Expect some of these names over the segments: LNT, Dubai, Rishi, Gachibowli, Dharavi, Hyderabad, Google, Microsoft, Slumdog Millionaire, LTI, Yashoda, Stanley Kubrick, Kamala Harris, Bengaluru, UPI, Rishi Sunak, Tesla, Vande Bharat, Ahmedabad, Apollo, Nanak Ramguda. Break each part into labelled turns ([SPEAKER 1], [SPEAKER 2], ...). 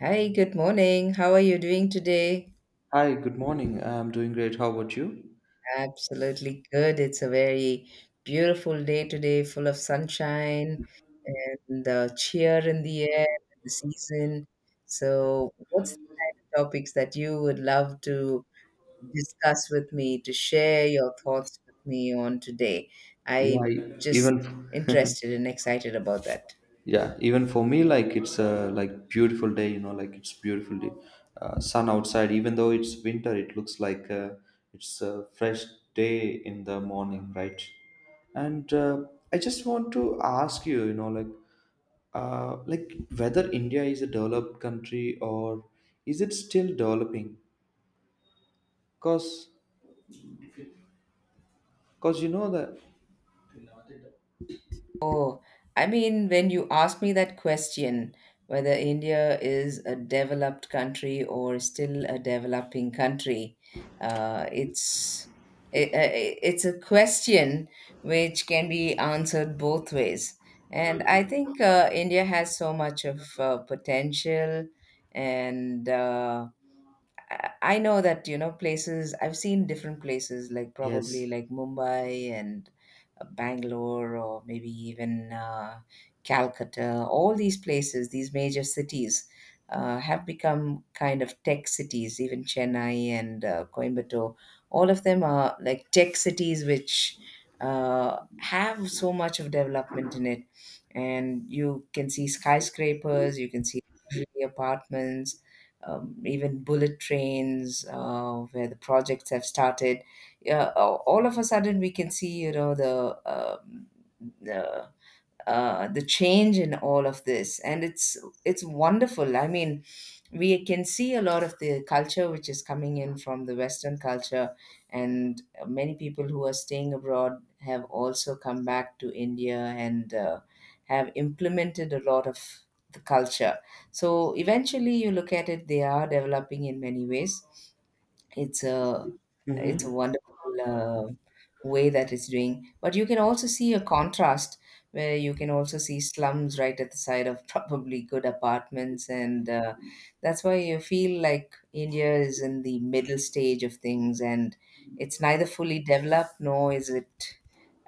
[SPEAKER 1] Hi, good morning. How are you doing today?
[SPEAKER 2] Hi, good morning. I'm doing great. How about you?
[SPEAKER 1] Absolutely good. It's a very beautiful day today, full of sunshine and the cheer in the air, the season. So, what's the topics that you would love to discuss with me, to share your thoughts with me on today?
[SPEAKER 2] Yeah,
[SPEAKER 1] I'm
[SPEAKER 2] I-
[SPEAKER 1] just
[SPEAKER 2] even
[SPEAKER 1] interested and excited about that.
[SPEAKER 2] yeah, even for me, it's a beautiful day. It's beautiful day. Sun outside. Even though it's winter, it looks like it's a fresh day in the morning, right? And I just want to ask you, you know, like whether India is a developed country or is it still developing? Cause, cause you know that
[SPEAKER 1] Oh, I mean, when you asked me that question, whether India is a developed country or still a developing country, it's it's a question which can be answered both ways. And I think India has so much of potential and I know that, you know, places I've seen different places like
[SPEAKER 2] yes.
[SPEAKER 1] probably like Mumbai and Bangalore or maybe even Calcutta. All these places, these major cities, have become kind of tech cities, even Chennai and Coimbatore. All of them are like tech cities which have so much of development in it. And you can see skyscrapers, you can see luxury apartments, even bullet trains where the projects have started. Yeah, all of a sudden we can see, you know, the the the change in all of this, and it's wonderful. I mean, we can see a lot of the culture which is coming in from the Western culture, and many people who are staying abroad have also come back to India and have implemented a lot of the culture, so eventually, you look at it, they are developing in many ways. It's a it's a
[SPEAKER 2] Mm-hmm.
[SPEAKER 1] wonderful way that it's doing. But you can also see a contrast where you can also see slums right at the side of probably good apartments, and that's why you feel like India is in the middle stage of things, and it's neither fully developed nor is it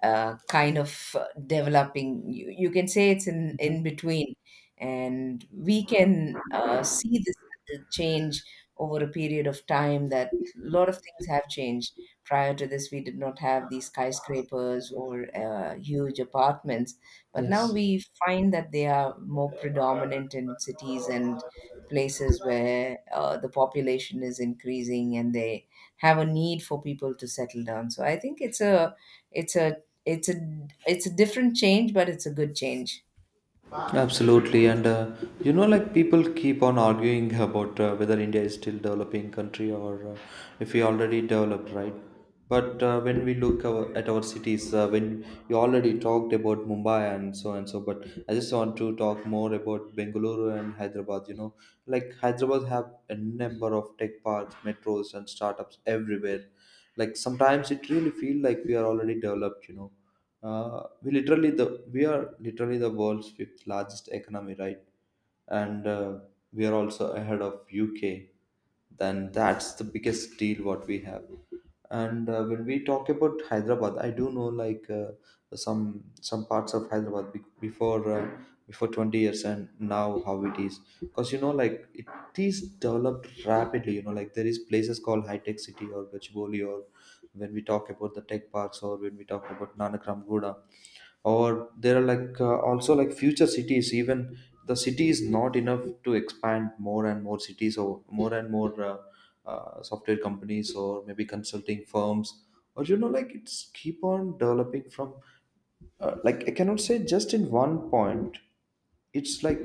[SPEAKER 1] kind of developing. You can say it's
[SPEAKER 2] Mm-hmm.
[SPEAKER 1] in between. And we can see this change over a period of time that a lot of things have changed. Prior to this, we did not have these skyscrapers or huge apartments. But now
[SPEAKER 2] Yes,
[SPEAKER 1] we find that they are more predominant in cities and places where the population is increasing and they have a need for people to settle down. So I think it's a it's a it's a different change, but it's a good change.
[SPEAKER 2] absolutely. And you know, like people keep on arguing about whether India is still developing country or if we already developed, right? But When we look our, at our cities, when you already talked about Mumbai and so, but I just want to talk more about Bengaluru and Hyderabad. You know, like Hyderabad have a number of tech parks, metros, and startups everywhere. Like sometimes it really feel like we are already developed. You know, we literally the we are literally the world's fifth largest economy, right? And we are also ahead of UK. Then that's the biggest deal what we have. And when we talk about Hyderabad, I do know some parts of Hyderabad before 20 years and now how it is. Because you know like it is developed rapidly. You know like there is places called high tech city or Gachibowli, or when we talk about the tech parks or when we talk about Nanak Ramguda, or there are also like future cities, even the city is not enough to expand more and more cities or more and more software companies or maybe consulting firms, or you know like it's keep on developing from like I cannot say just in one point. It's like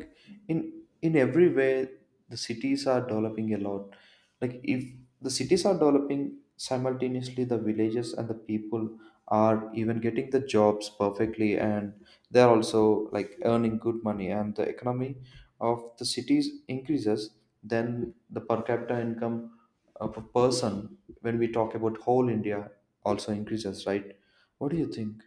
[SPEAKER 2] in in every way the cities are developing a lot. Like if the cities are developing, simultaneously the villages and the people are even getting the jobs perfectly, and they're also like earning good money, and the economy of the cities increases, then the per capita income of a person, when we talk about whole India, also increases, right? What do you think?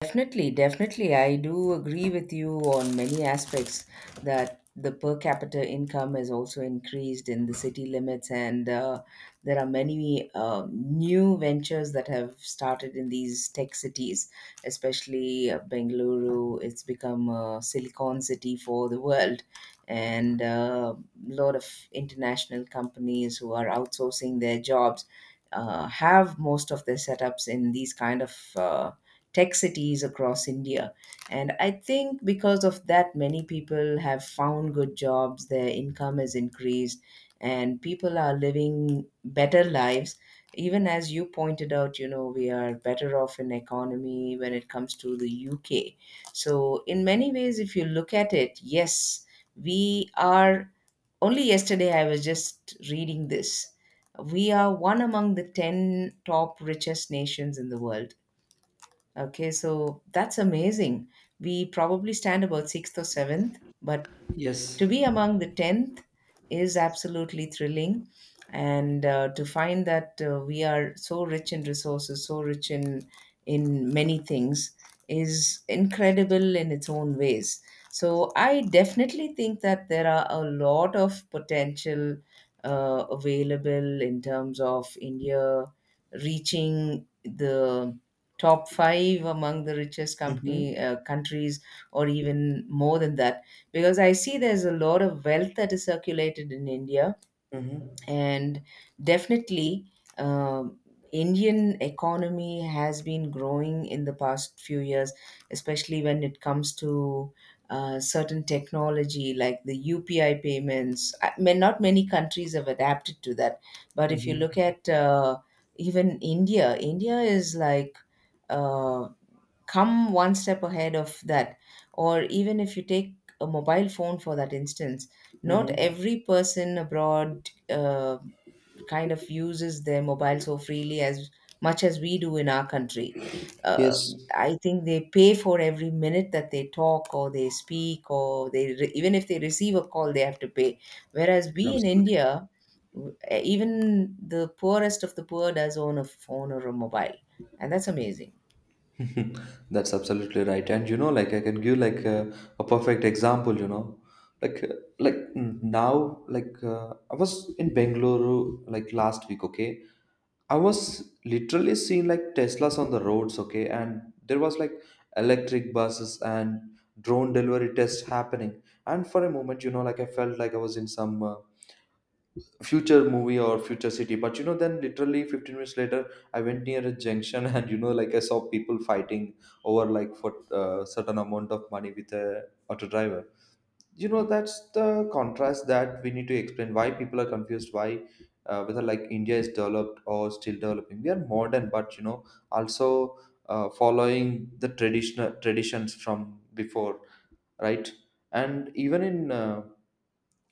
[SPEAKER 1] Definitely, definitely. I do agree with you on many aspects that the per capita income has also increased in the city limits, and there are many new ventures that have started in these tech cities, especially Bengaluru. It's become a silicon city for the world, and a lot of international companies who are outsourcing their jobs have most of their setups in these kind of. Tech cities across India. And I think because of that, many people have found good jobs, their income has increased, and people are living better lives. Even as you pointed out, you know, we are better off in economy when it comes to the UK. So, in many ways, if you look at it, yes, we are. Only yesterday, I was just reading this. We are one among the 10 top richest nations in the world. Okay, so that's amazing. We probably stand about sixth or seventh, but
[SPEAKER 2] Yes.
[SPEAKER 1] to be among the 10th is absolutely thrilling. And to find that we are so rich in resources, so rich in many things, is incredible in its own ways. So I definitely think that there are a lot of potential available in terms of India reaching the top five among the richest
[SPEAKER 2] Mm-hmm,
[SPEAKER 1] company countries, or even more than that, because I see there's a lot of wealth that is circulated in India,
[SPEAKER 2] mm-hmm,
[SPEAKER 1] and definitely um, Indian economy has been growing in the past few years, especially when it comes to certain technology like the UPI payments. I mean, not many countries have adapted to that, but if you
[SPEAKER 2] mm-hmm,
[SPEAKER 1] look at even India is like. Uh, Come one step ahead of that, or even if you take a mobile phone for that instance. Not
[SPEAKER 2] mm-hmm.
[SPEAKER 1] every person abroad kind of uses their mobile so freely as much as we do in our country. uh,
[SPEAKER 2] Yes,
[SPEAKER 1] I think they pay for every minute that they talk or they speak or they even if they receive a call, they have to pay, whereas we in India, even the poorest of the poor does own a phone or a mobile, and that's amazing.
[SPEAKER 2] absolutely. That's absolutely right. And you know, like I can give like a perfect example. You know, like uh, now, I was in Bengaluru like last week. Okay, I was literally seeing like Teslas on the roads. Okay, and there was like electric buses and drone delivery tests happening. And for a moment, you know, like I felt like I was in some future movie or future city, but you know, then literally 15 minutes later I went near a junction and you know like I saw people fighting over like for certain amount of money with a auto driver. You know, that's the contrast that we need to explain why people are confused, why whether like India is developed or still developing. We are modern, but you know, also following the traditional traditions from before, right? And even in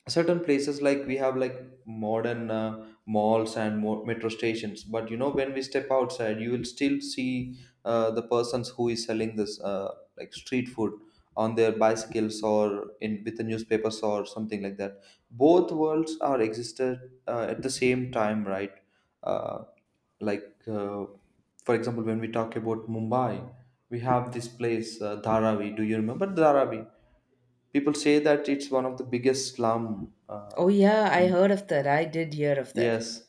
[SPEAKER 2] certain places, like we have like modern malls and more metro stations, but you know, when we step outside you will still see the persons who is selling this street food on their bicycles or in with the newspapers or something like that. Both worlds are existed at the same time, right? uh, like uh, for example, when we talk about Mumbai, we have this place Dharavi. Do you remember Dharavi? People say that it's one of the biggest slum.
[SPEAKER 1] Oh, yeah, I
[SPEAKER 2] In-
[SPEAKER 1] heard of that. I did hear of that.
[SPEAKER 2] yes,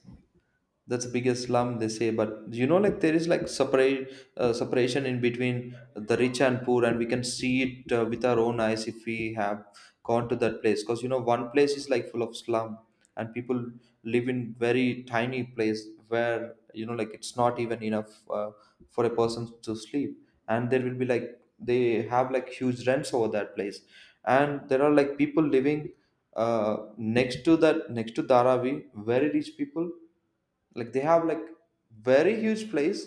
[SPEAKER 2] that's the biggest slum, they say, but you know like there is like separate separation in between the rich and poor, and we can see it with our own eyes if we have gone to that place, because you know one place is like full of slum and people live in very tiny place, where you know like it's not even enough for a person to sleep, and there will be like they have like huge rents over that place. And there are like people living next to Dharavi, very rich people. Like they have like very huge place,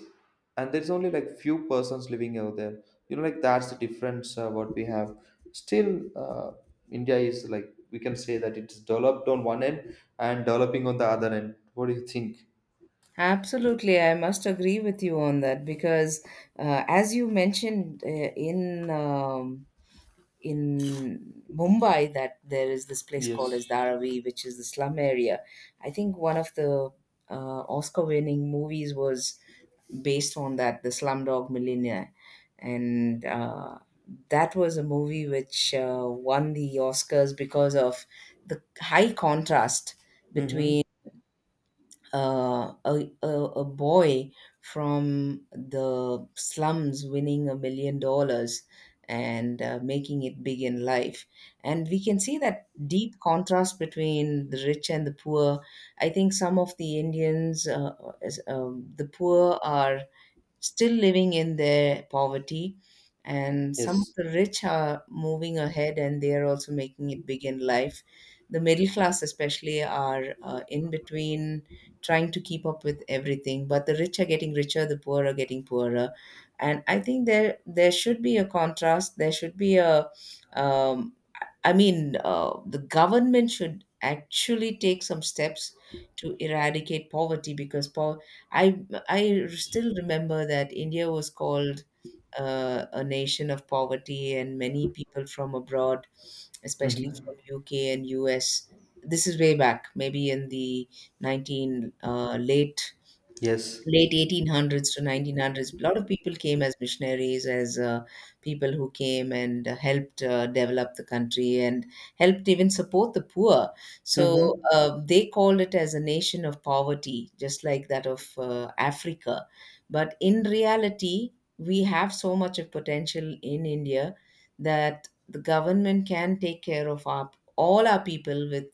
[SPEAKER 2] and there's only like few persons living over there. You know, like that's the difference what we have. Still, India is like, we can say that it's developed on one end and developing on the other end. What do you think?
[SPEAKER 1] Absolutely, I must agree with you on that because, as you mentioned in in Mumbai, that there is this place called
[SPEAKER 2] Yes.
[SPEAKER 1] as Dharavi, which is the slum area. I think one of the Oscar-winning movies was based on that, the Slumdog Millionaire, and that was a movie which won the Oscars because of the high contrast
[SPEAKER 2] Mm-hmm.
[SPEAKER 1] between a boy from the slums winning $1 million and making it big in life. And we can see that deep contrast between the rich and the poor. I think some of the Indians, the poor are still living in their poverty, and some of
[SPEAKER 2] Yes.
[SPEAKER 1] the rich are moving ahead and they are also making it big in life. The middle class, especially, are in between trying to keep up with everything, but the rich are getting richer, the poor are getting poorer. And I think there should be a contrast. There should be a um, I mean, the government should actually take some steps to eradicate poverty because I I still remember that India was called a nation of poverty, and many people from abroad, especially from
[SPEAKER 2] Mm-hmm.
[SPEAKER 1] UK and US. This is way back, maybe in the nineteen late
[SPEAKER 2] Yes.
[SPEAKER 1] late 1800s to 1900s. A lot of people came as missionaries, as people who came and helped develop the country and helped even support the poor. So
[SPEAKER 2] Mm-hmm.
[SPEAKER 1] they called it as a nation of poverty, just like that of Africa. But in reality, we have so much of potential in India that the government can take care of all our people with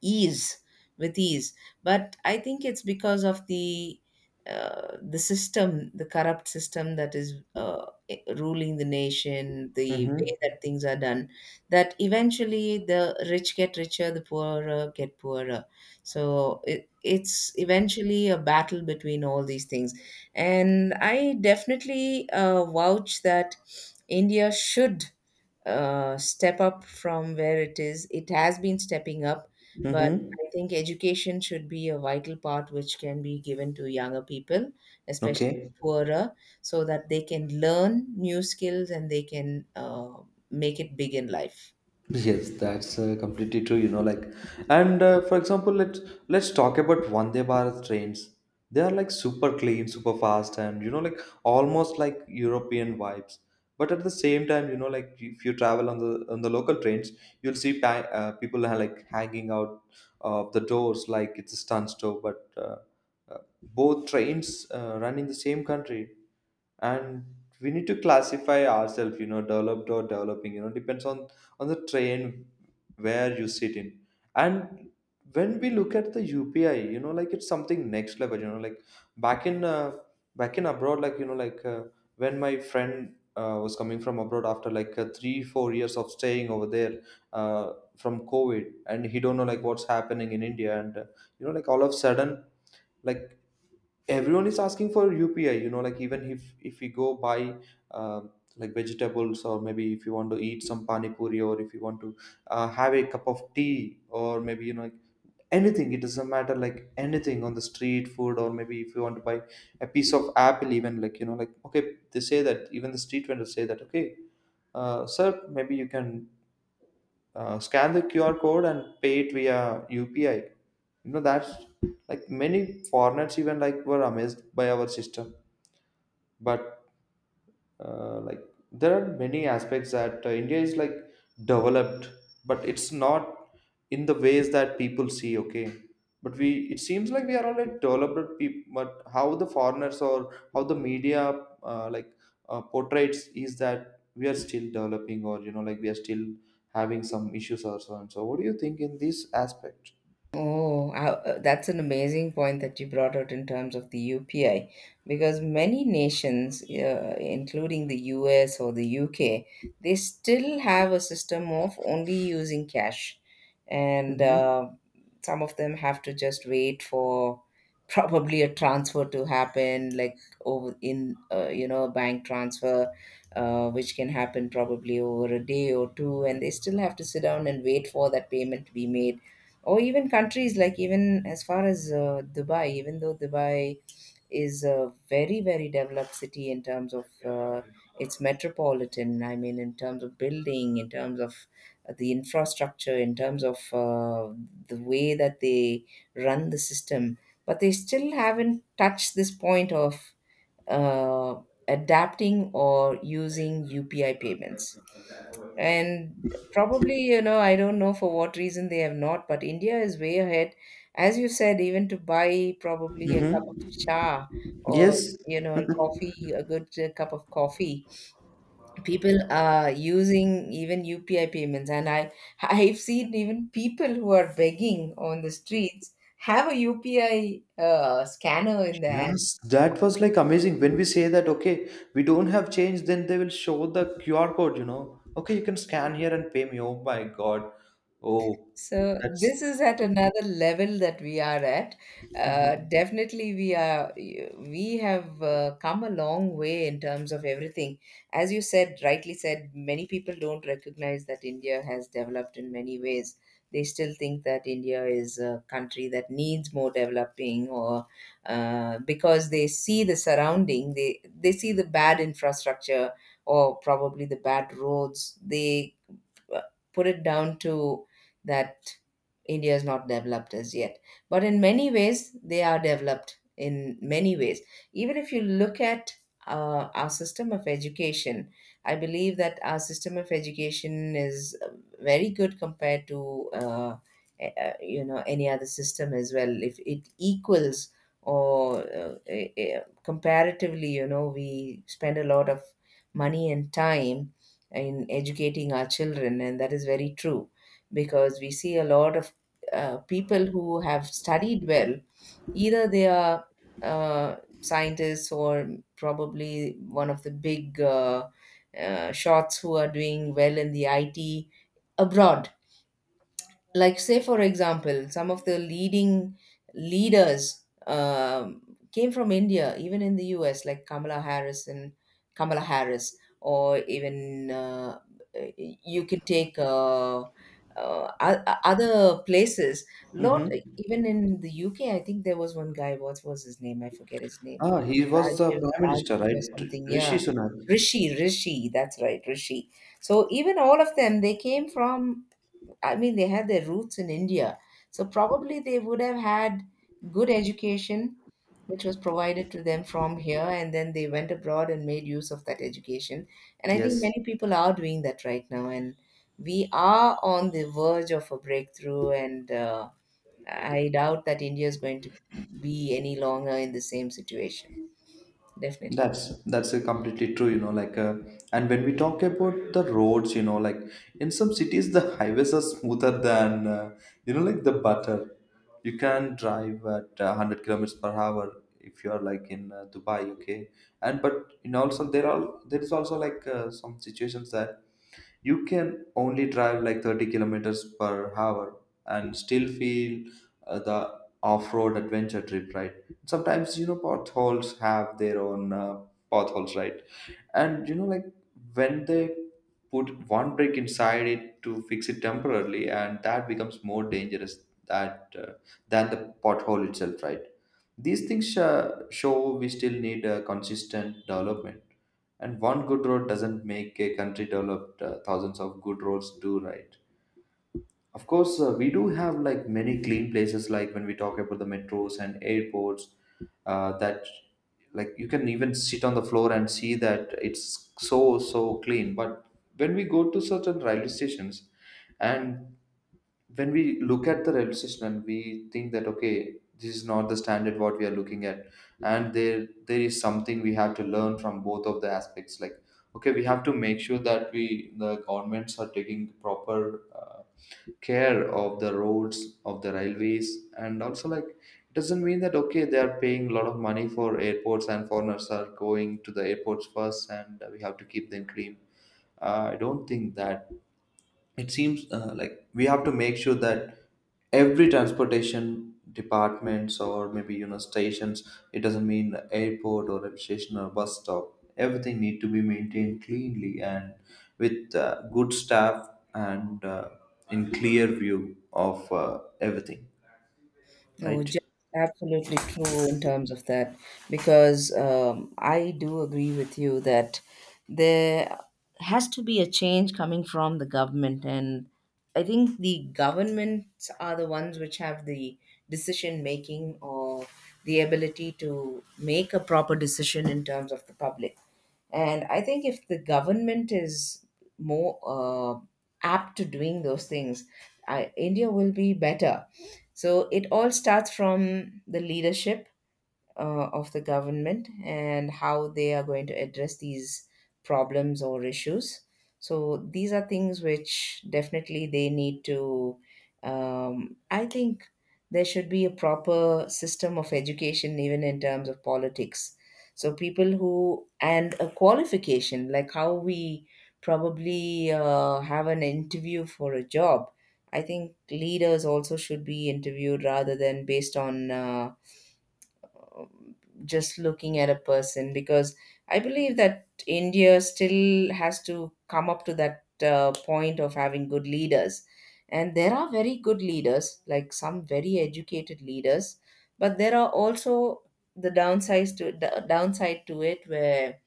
[SPEAKER 1] ease, with ease. But I think it's because of the system, the corrupt system that is ruling the nation, the
[SPEAKER 2] Mm-hmm.
[SPEAKER 1] way that things are done, that eventually the rich get richer, the poorer get poorer. So it's eventually a battle between all these things. And I definitely vouch that India should step up from where it is. It has been stepping up, but
[SPEAKER 2] Mm-hmm.
[SPEAKER 1] I think education should be a vital part which can be given to younger people, especially
[SPEAKER 2] Okay.
[SPEAKER 1] the poorer, so that they can learn new skills and they can make it big in life.
[SPEAKER 2] Yes, that's completely true. You know, like, and for example, let's talk about Vande Bharat trains. They are like super clean, super fast, and you know, like almost like European vibes. But at the same time, you know, like if you travel on the local trains, you'll see people are like hanging out of the doors like it's a stunt show. But both trains run in the same country, and we need to classify ourselves, you know, developed or developing. You know, depends on the train where you sit in. And when we look at the UPI, you know, like it's something next level. You know, like back in uh, back in abroad, when my friend was coming from abroad after like three four years of staying over there, uh, from COVID, and he don't know like what's happening in India, and you know, like all of a sudden, like everyone is asking for UPI. You know, like even if we go buy uh, like vegetables, or maybe if you want to eat some pani puri, or if you want to have a cup of tea, or maybe you know like anything, it doesn't matter, like anything on the street food, or maybe if you want to buy a piece of apple even, like you know, like okay, they say that, even the street vendors say that, okay, sir, maybe you can scan the QR code and pay it via UPI. You know, that's like many foreigners even like were amazed by our system. But uh, like there are many aspects that India is like developed, but it's not in the ways that people see, okay? But we, it seems like we are all like developed people, but how the foreigners or how the media uh, like portrays is that we are still developing, or you know like we are still having some issues or so and so. What do you think in this aspect?
[SPEAKER 1] That's an amazing point that you brought out in terms of the UPI, because many nations, including the US or the UK, they still have a system of only using cash, and
[SPEAKER 2] Hmm.
[SPEAKER 1] some of them have to just wait for probably a transfer to happen, like over in you know, a bank transfer, which can happen probably over a day or two, and they still have to sit down and wait for that payment to be made, or even countries like, even as far as Dubai. Even though Dubai is a very very developed city in terms of uh, its metropolitan, I mean in terms of building, in terms of the infrastructure, in terms of uh, the way that they run the system, but they still haven't touched this point of uh, adapting or using UPI payments. And probably, you know, I don't know for what reason they have not, but India is way ahead. As you said, even to buy probably a cup of cha or,
[SPEAKER 2] Yes.
[SPEAKER 1] you know, coffee, a good cup of coffee, people are using even UPI payments. And I, I've seen even people who are begging on the streets have a UPI scanner in their hand.
[SPEAKER 2] Yes, that was like amazing. When we say that, okay, we don't have change, then they will show the QR code, you know. Okay, you can scan here and pay me. Oh my God. Oh,
[SPEAKER 1] So
[SPEAKER 2] that's.
[SPEAKER 1] this is at another level that we are at.
[SPEAKER 2] Hmm.
[SPEAKER 1] Definitely, we have come a long way in terms of everything. As you said, rightly said, many people don't recognize that India has developed in many ways. They still think that India is a country that needs more developing, or because they see the surrounding, they see the bad infrastructure or probably the bad roads. They uh, put it down to that India is not developed as yet. But in many ways, they are developed in many ways. Even if you look at our system of education, I believe that our system of education is very good compared to you know any other system as well. If it equals or comparatively, you know, we spend a lot of money and time in educating our children, and that is very true because we see a lot of people who have studied well, either they are scientists or probably one of the big shots who are doing well in the IT abroad, like say for example some of the leading leaders came from India, even in the US, like Kamala Harris. And Kamala Harris, or even you can take o- other places lot.
[SPEAKER 2] Hmm.
[SPEAKER 1] Even in the UK, I think there was one guy. What was his name? I forget his name.
[SPEAKER 2] Ah, he was the
[SPEAKER 1] rajiv
[SPEAKER 2] prime minister,
[SPEAKER 1] rajiv or
[SPEAKER 2] right?
[SPEAKER 1] something, yeah.
[SPEAKER 2] Rishi Sunak.
[SPEAKER 1] Rishi, that's right, Rishi. So even all of them, they came from, I mean, they had their roots in India. So probably they would have had good education, which was provided to them from here, and then they went abroad and made use of that education. And I think
[SPEAKER 2] Yes.
[SPEAKER 1] many people are doing that right now, and we are on the verge of a breakthrough. And I doubt that India is going to be any longer in the same situation. Definitely.
[SPEAKER 2] That's completely true, you know. Like, and when we talk about the roads, you know, like in some cities the highways are smoother than you know, like the butter. You can drive at 100 kilometers per hour if you are like in Dubai, okay. And but in also there is also like some situations that you can only drive like 30 kilometers per hour and still feel the off-road adventure trip, right? Sometimes you know potholes have their own potholes, right? And you know like when they put one brick inside it to fix it temporarily, and that becomes more dangerous that than the pothole itself, right? These things show we still need a consistent development, and one good road doesn't make a country developed, thousands of good roads do, right? Of course, we do have like many clean places, like when we talk about the metros and airports, that like you can even sit on the floor and see that it's so so clean. But when we go to certain railway stations, and when we look at the railway station and we think that okay, this is not the standard what we are looking at, and there is something we have to learn from both of the aspects. Like okay, we have to make sure that we the governments are taking proper. Uh, Care of the roads of the railways. And also like it doesn't mean that okay, they are paying a lot of money for airports and foreigners are going to the airports first and we have to keep them clean. I don't think that. It seems like we have to make sure that every transportation departments or maybe you know stations, it doesn't mean airport or a station or bus stop, everything need to be maintained cleanly and with good staff, and in clear view of everything,
[SPEAKER 1] Oh,
[SPEAKER 2] right?
[SPEAKER 1] just absolutely true in terms of that, because I do agree with you that there has to be a change coming from the government, and I think the governments are the ones which have the decision making, or the ability to make a proper decision in terms of the public. And I think if the government is more apt to doing those things, India will be better. So it all starts from the leadership of the government and how they are going to address these problems or issues. So these are things which definitely they need to. I think there should be a proper system of education, even in terms of politics. So people who and a qualification, like how we probably have an interview for a job. I think leaders also should be interviewed rather than based on. Um, just looking at a person, because I believe that India still has to come up to that point of having good leaders. And there are very good leaders, like some very educated leaders, but there are also the downside to it, where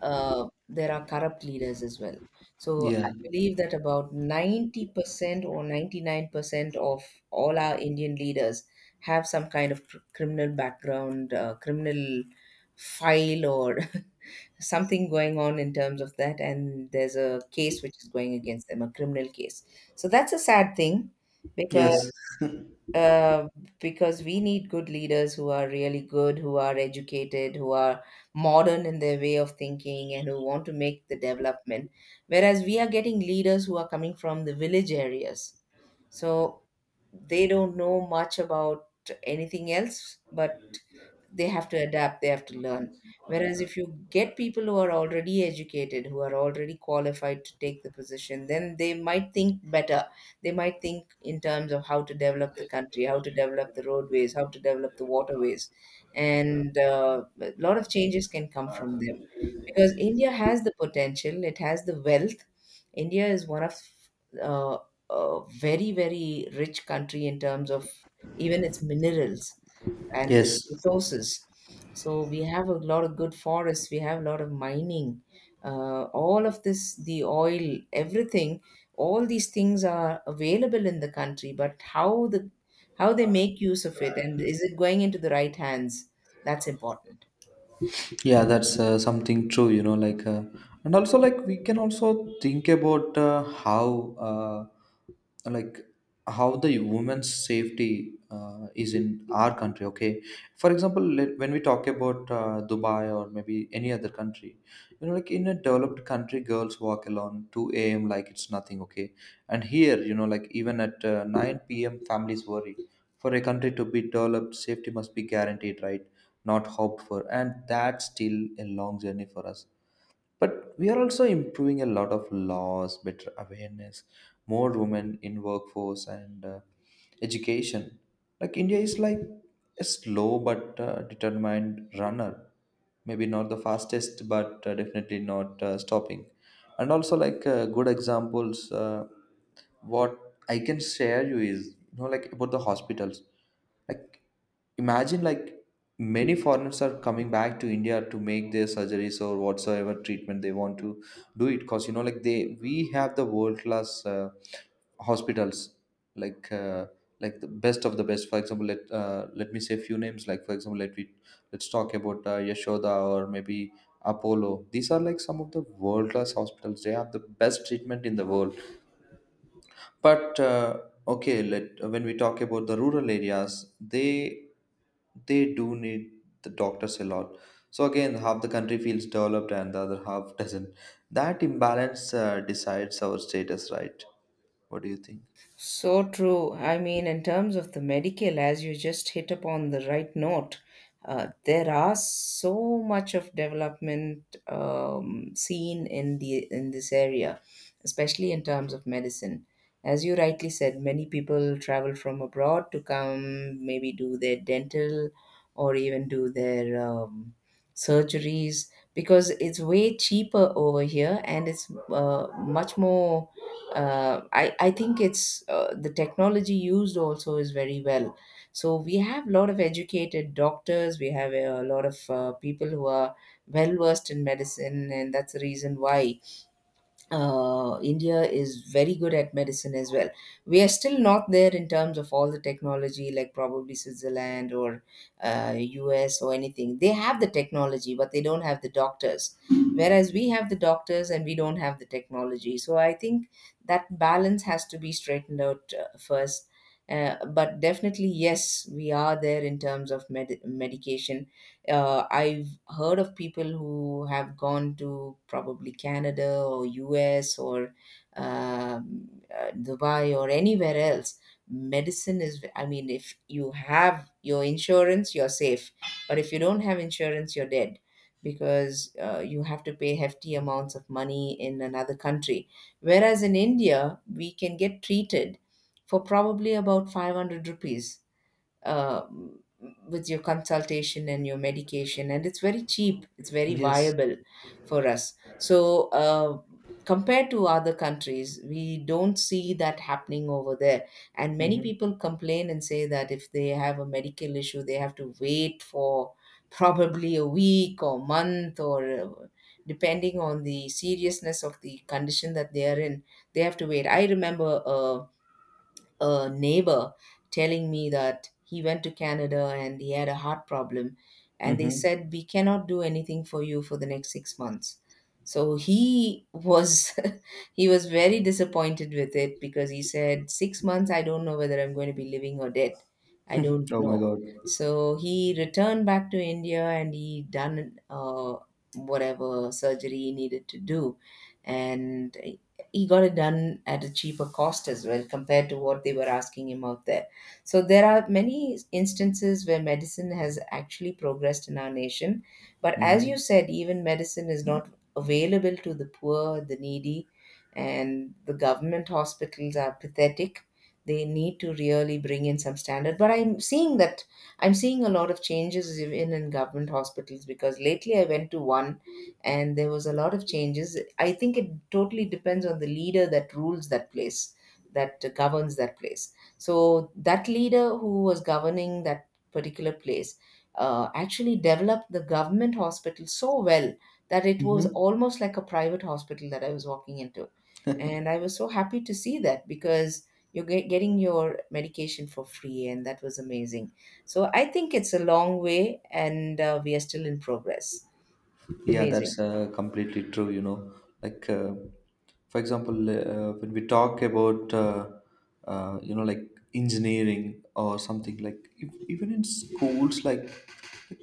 [SPEAKER 1] there are corrupt leaders as well. So I
[SPEAKER 2] Yeah.
[SPEAKER 1] believe that about 90% or 99% of all our Indian leaders have some kind of criminal background, criminal file, or something going on in terms of that. And there's a case which is going against them, a criminal case. So that's a sad thing because
[SPEAKER 2] Yes.
[SPEAKER 1] uh, because we need good leaders who are really good, who are educated, who are modern in their way of thinking, and who want to make the development. Whereas we are getting leaders who are coming from the village areas. So they don't know much about anything else, but they have to adapt, they have to learn. Whereas if you get people who are already educated, who are already qualified to take the position, then they might think in terms of how to develop the country, how to develop the roadways, how to develop the waterways. And a lot of changes can come from them because India has the potential, it has the wealth. India is one of uh, a very, very rich country in terms of even its minerals and its
[SPEAKER 2] Yes.
[SPEAKER 1] resources. So we have a lot of good forests. We have a lot of mining. All of this, the oil, everything, all these things are available in the country. But how they make use of it, and is it going into the right hands? That's important.
[SPEAKER 2] Yeah, that's something true, you know, and also, like, we can also think about how, uh, like, how the women's safety is in our country, okay? For example, when we talk about Dubai or maybe any other country, you know, like, in a developed country, girls walk alone 2 a.m. like it's nothing, okay? And here, you know, like, even at 9 p.m., families worry. For a country to be developed, safety must be guaranteed, right? Not hoped for, and that's still a long journey for us. But we are also improving a lot of laws, better awareness, more women in workforce, and education. Like India is like a slow but determined runner, maybe not the fastest but definitely not stopping. And also like good examples, what I can share you is, you know, like about the hospitals. Like imagine, like many foreigners are coming back to India to make their surgeries or whatsoever treatment they want to do it, because you know, like they we have the world class hospitals, like uh, like the best of the best. For example, let me say a few names. Like for example, let's talk about Yashoda or maybe Apollo. These are like some of the world class hospitals, they have the best treatment in the world. But okay, let when we talk about the rural areas, they they do need the doctors a lot. So again, half the country feels developed and the other half doesn't. That imbalance decides our status, right? What do you think?
[SPEAKER 1] So true. I mean, in terms of the medical, as you just hit upon the right note, there are so much of development seen in the in this area, especially in terms of medicine. As you rightly said, many people travel from abroad to come, maybe do their dental, or even do their surgeries, because it's way cheaper over here and it's much more I think it's the technology used also is very well. So we have a lot of educated doctors. We have a lot of people who are well versed in medicine, and that's the reason why India is very good at medicine as well. We are still not there in terms of all the technology, like probably Switzerland or US or anything. They have the technology, but they don't have the doctors. Whereas we have the doctors and we don't have the technology. So I think that balance has to be straightened out first. But definitely, yes, we are there in terms of medication. I've heard of people who have gone to probably Canada or US or um, Dubai or anywhere else. Medicine is, I mean, if you have your insurance, you're safe. But if you don't have insurance, you're dead because you have to pay hefty amounts of money in another country. Whereas in India, we can get treated for probably about 500 rupees uh, with your consultation and your medication, and it's very cheap, it's very
[SPEAKER 2] Yes.
[SPEAKER 1] viable for us. So compared to other countries, we don't see that happening over there. And many people complain and say that if they have a medical issue, they have to wait for probably a week or month, or depending on the seriousness of the condition that they are in, they have to wait. I remember a neighbor telling me that he went to Canada and he had a heart problem. And they
[SPEAKER 2] Mm-hmm.
[SPEAKER 1] said, we cannot do anything for you for the next 6 months. So he was he was very disappointed with it because he said, 6 months, I don't know whether I'm going to be living or dead. I don't
[SPEAKER 2] Oh my
[SPEAKER 1] know.
[SPEAKER 2] God.
[SPEAKER 1] So he returned back to India and he done whatever surgery he needed to do. And he got it done at a cheaper cost as well compared to what they were asking him out there. So there are many instances where medicine has actually progressed in our nation, but as you
[SPEAKER 2] Hmm.
[SPEAKER 1] said, even medicine is not available to the poor, the needy, and the government hospitals are pathetic. They need to really bring in some standard, but I'm seeing that I'm seeing a lot of changes even in government hospitals, because lately I went to one and there was a lot of changes. I think it totally depends on the leader that rules that place, that governs that place. So that leader who was governing that particular place actually developed the government hospital so well that it was
[SPEAKER 2] Hmm.
[SPEAKER 1] almost like a private hospital that I was walking into, and I was so happy to see that because. Getting your medication for free, and that was amazing. So I think it's a long way, and we are still in progress.
[SPEAKER 2] Yeah, that's
[SPEAKER 1] Amazing.
[SPEAKER 2] completely true, you know. Like, uh, for example, when we talk about, you know, like engineering or something, like if, even in schools, like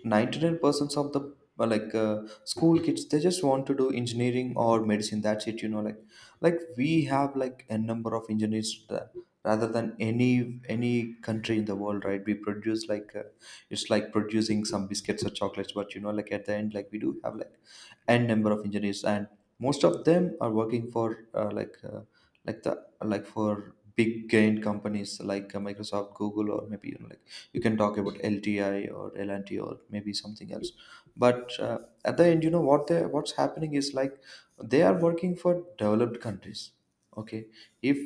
[SPEAKER 2] 99% of the uh, like uh, school kids, they just want to do engineering or medicine, that's it, you know, like we have like a number of engineers rather than any country in the world, right? We produce like it's like producing some biscuits or chocolates. But you know, like at the end, like we do have like N number of engineers, and most of them are working for uh, like uh, like the like for big gain companies like Microsoft, Google, or maybe you know, like you can talk about LTI or LNT or maybe something else. But at the end, you know what they what's happening is, like they are working for developed countries, okay? If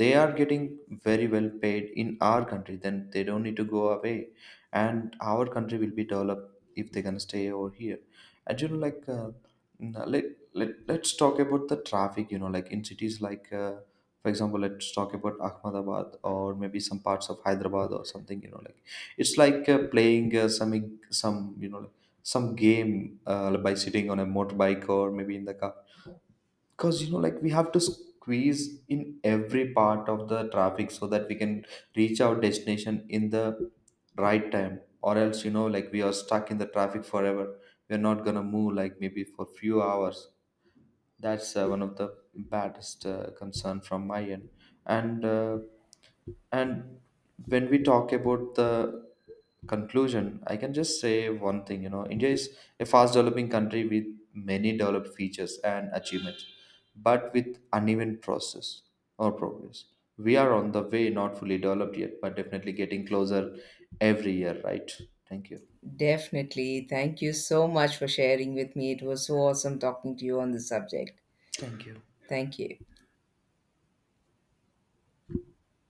[SPEAKER 2] they are getting very well paid in our country, then they don't need to go away, and our country will be developed if they can stay over here. And you know like n- let, let's talk about the traffic. You know, like in cities, like for example, let's talk about Ahmedabad or maybe some parts of Hyderabad or something. You know, like it's like playing some, you know, like some game by sitting on a motorbike or maybe in the car, because you know, like we have to squeeze in every part of the traffic so that we can reach our destination in the right time. Or else, you know, like we are stuck in the traffic forever, we're not gonna move like maybe for few hours. That's one of the baddest concern from my end. And and when we talk about the conclusion, I can just say one thing, you know, India is a fast developing country with many developed features and achievements, but with uneven process or progress. We are on the way, not fully developed yet, but definitely getting closer every year, right? Thank you.
[SPEAKER 1] Definitely. Thank you so much for sharing with me. It was so awesome talking to you on the subject.
[SPEAKER 2] Thank you.
[SPEAKER 1] Thank you.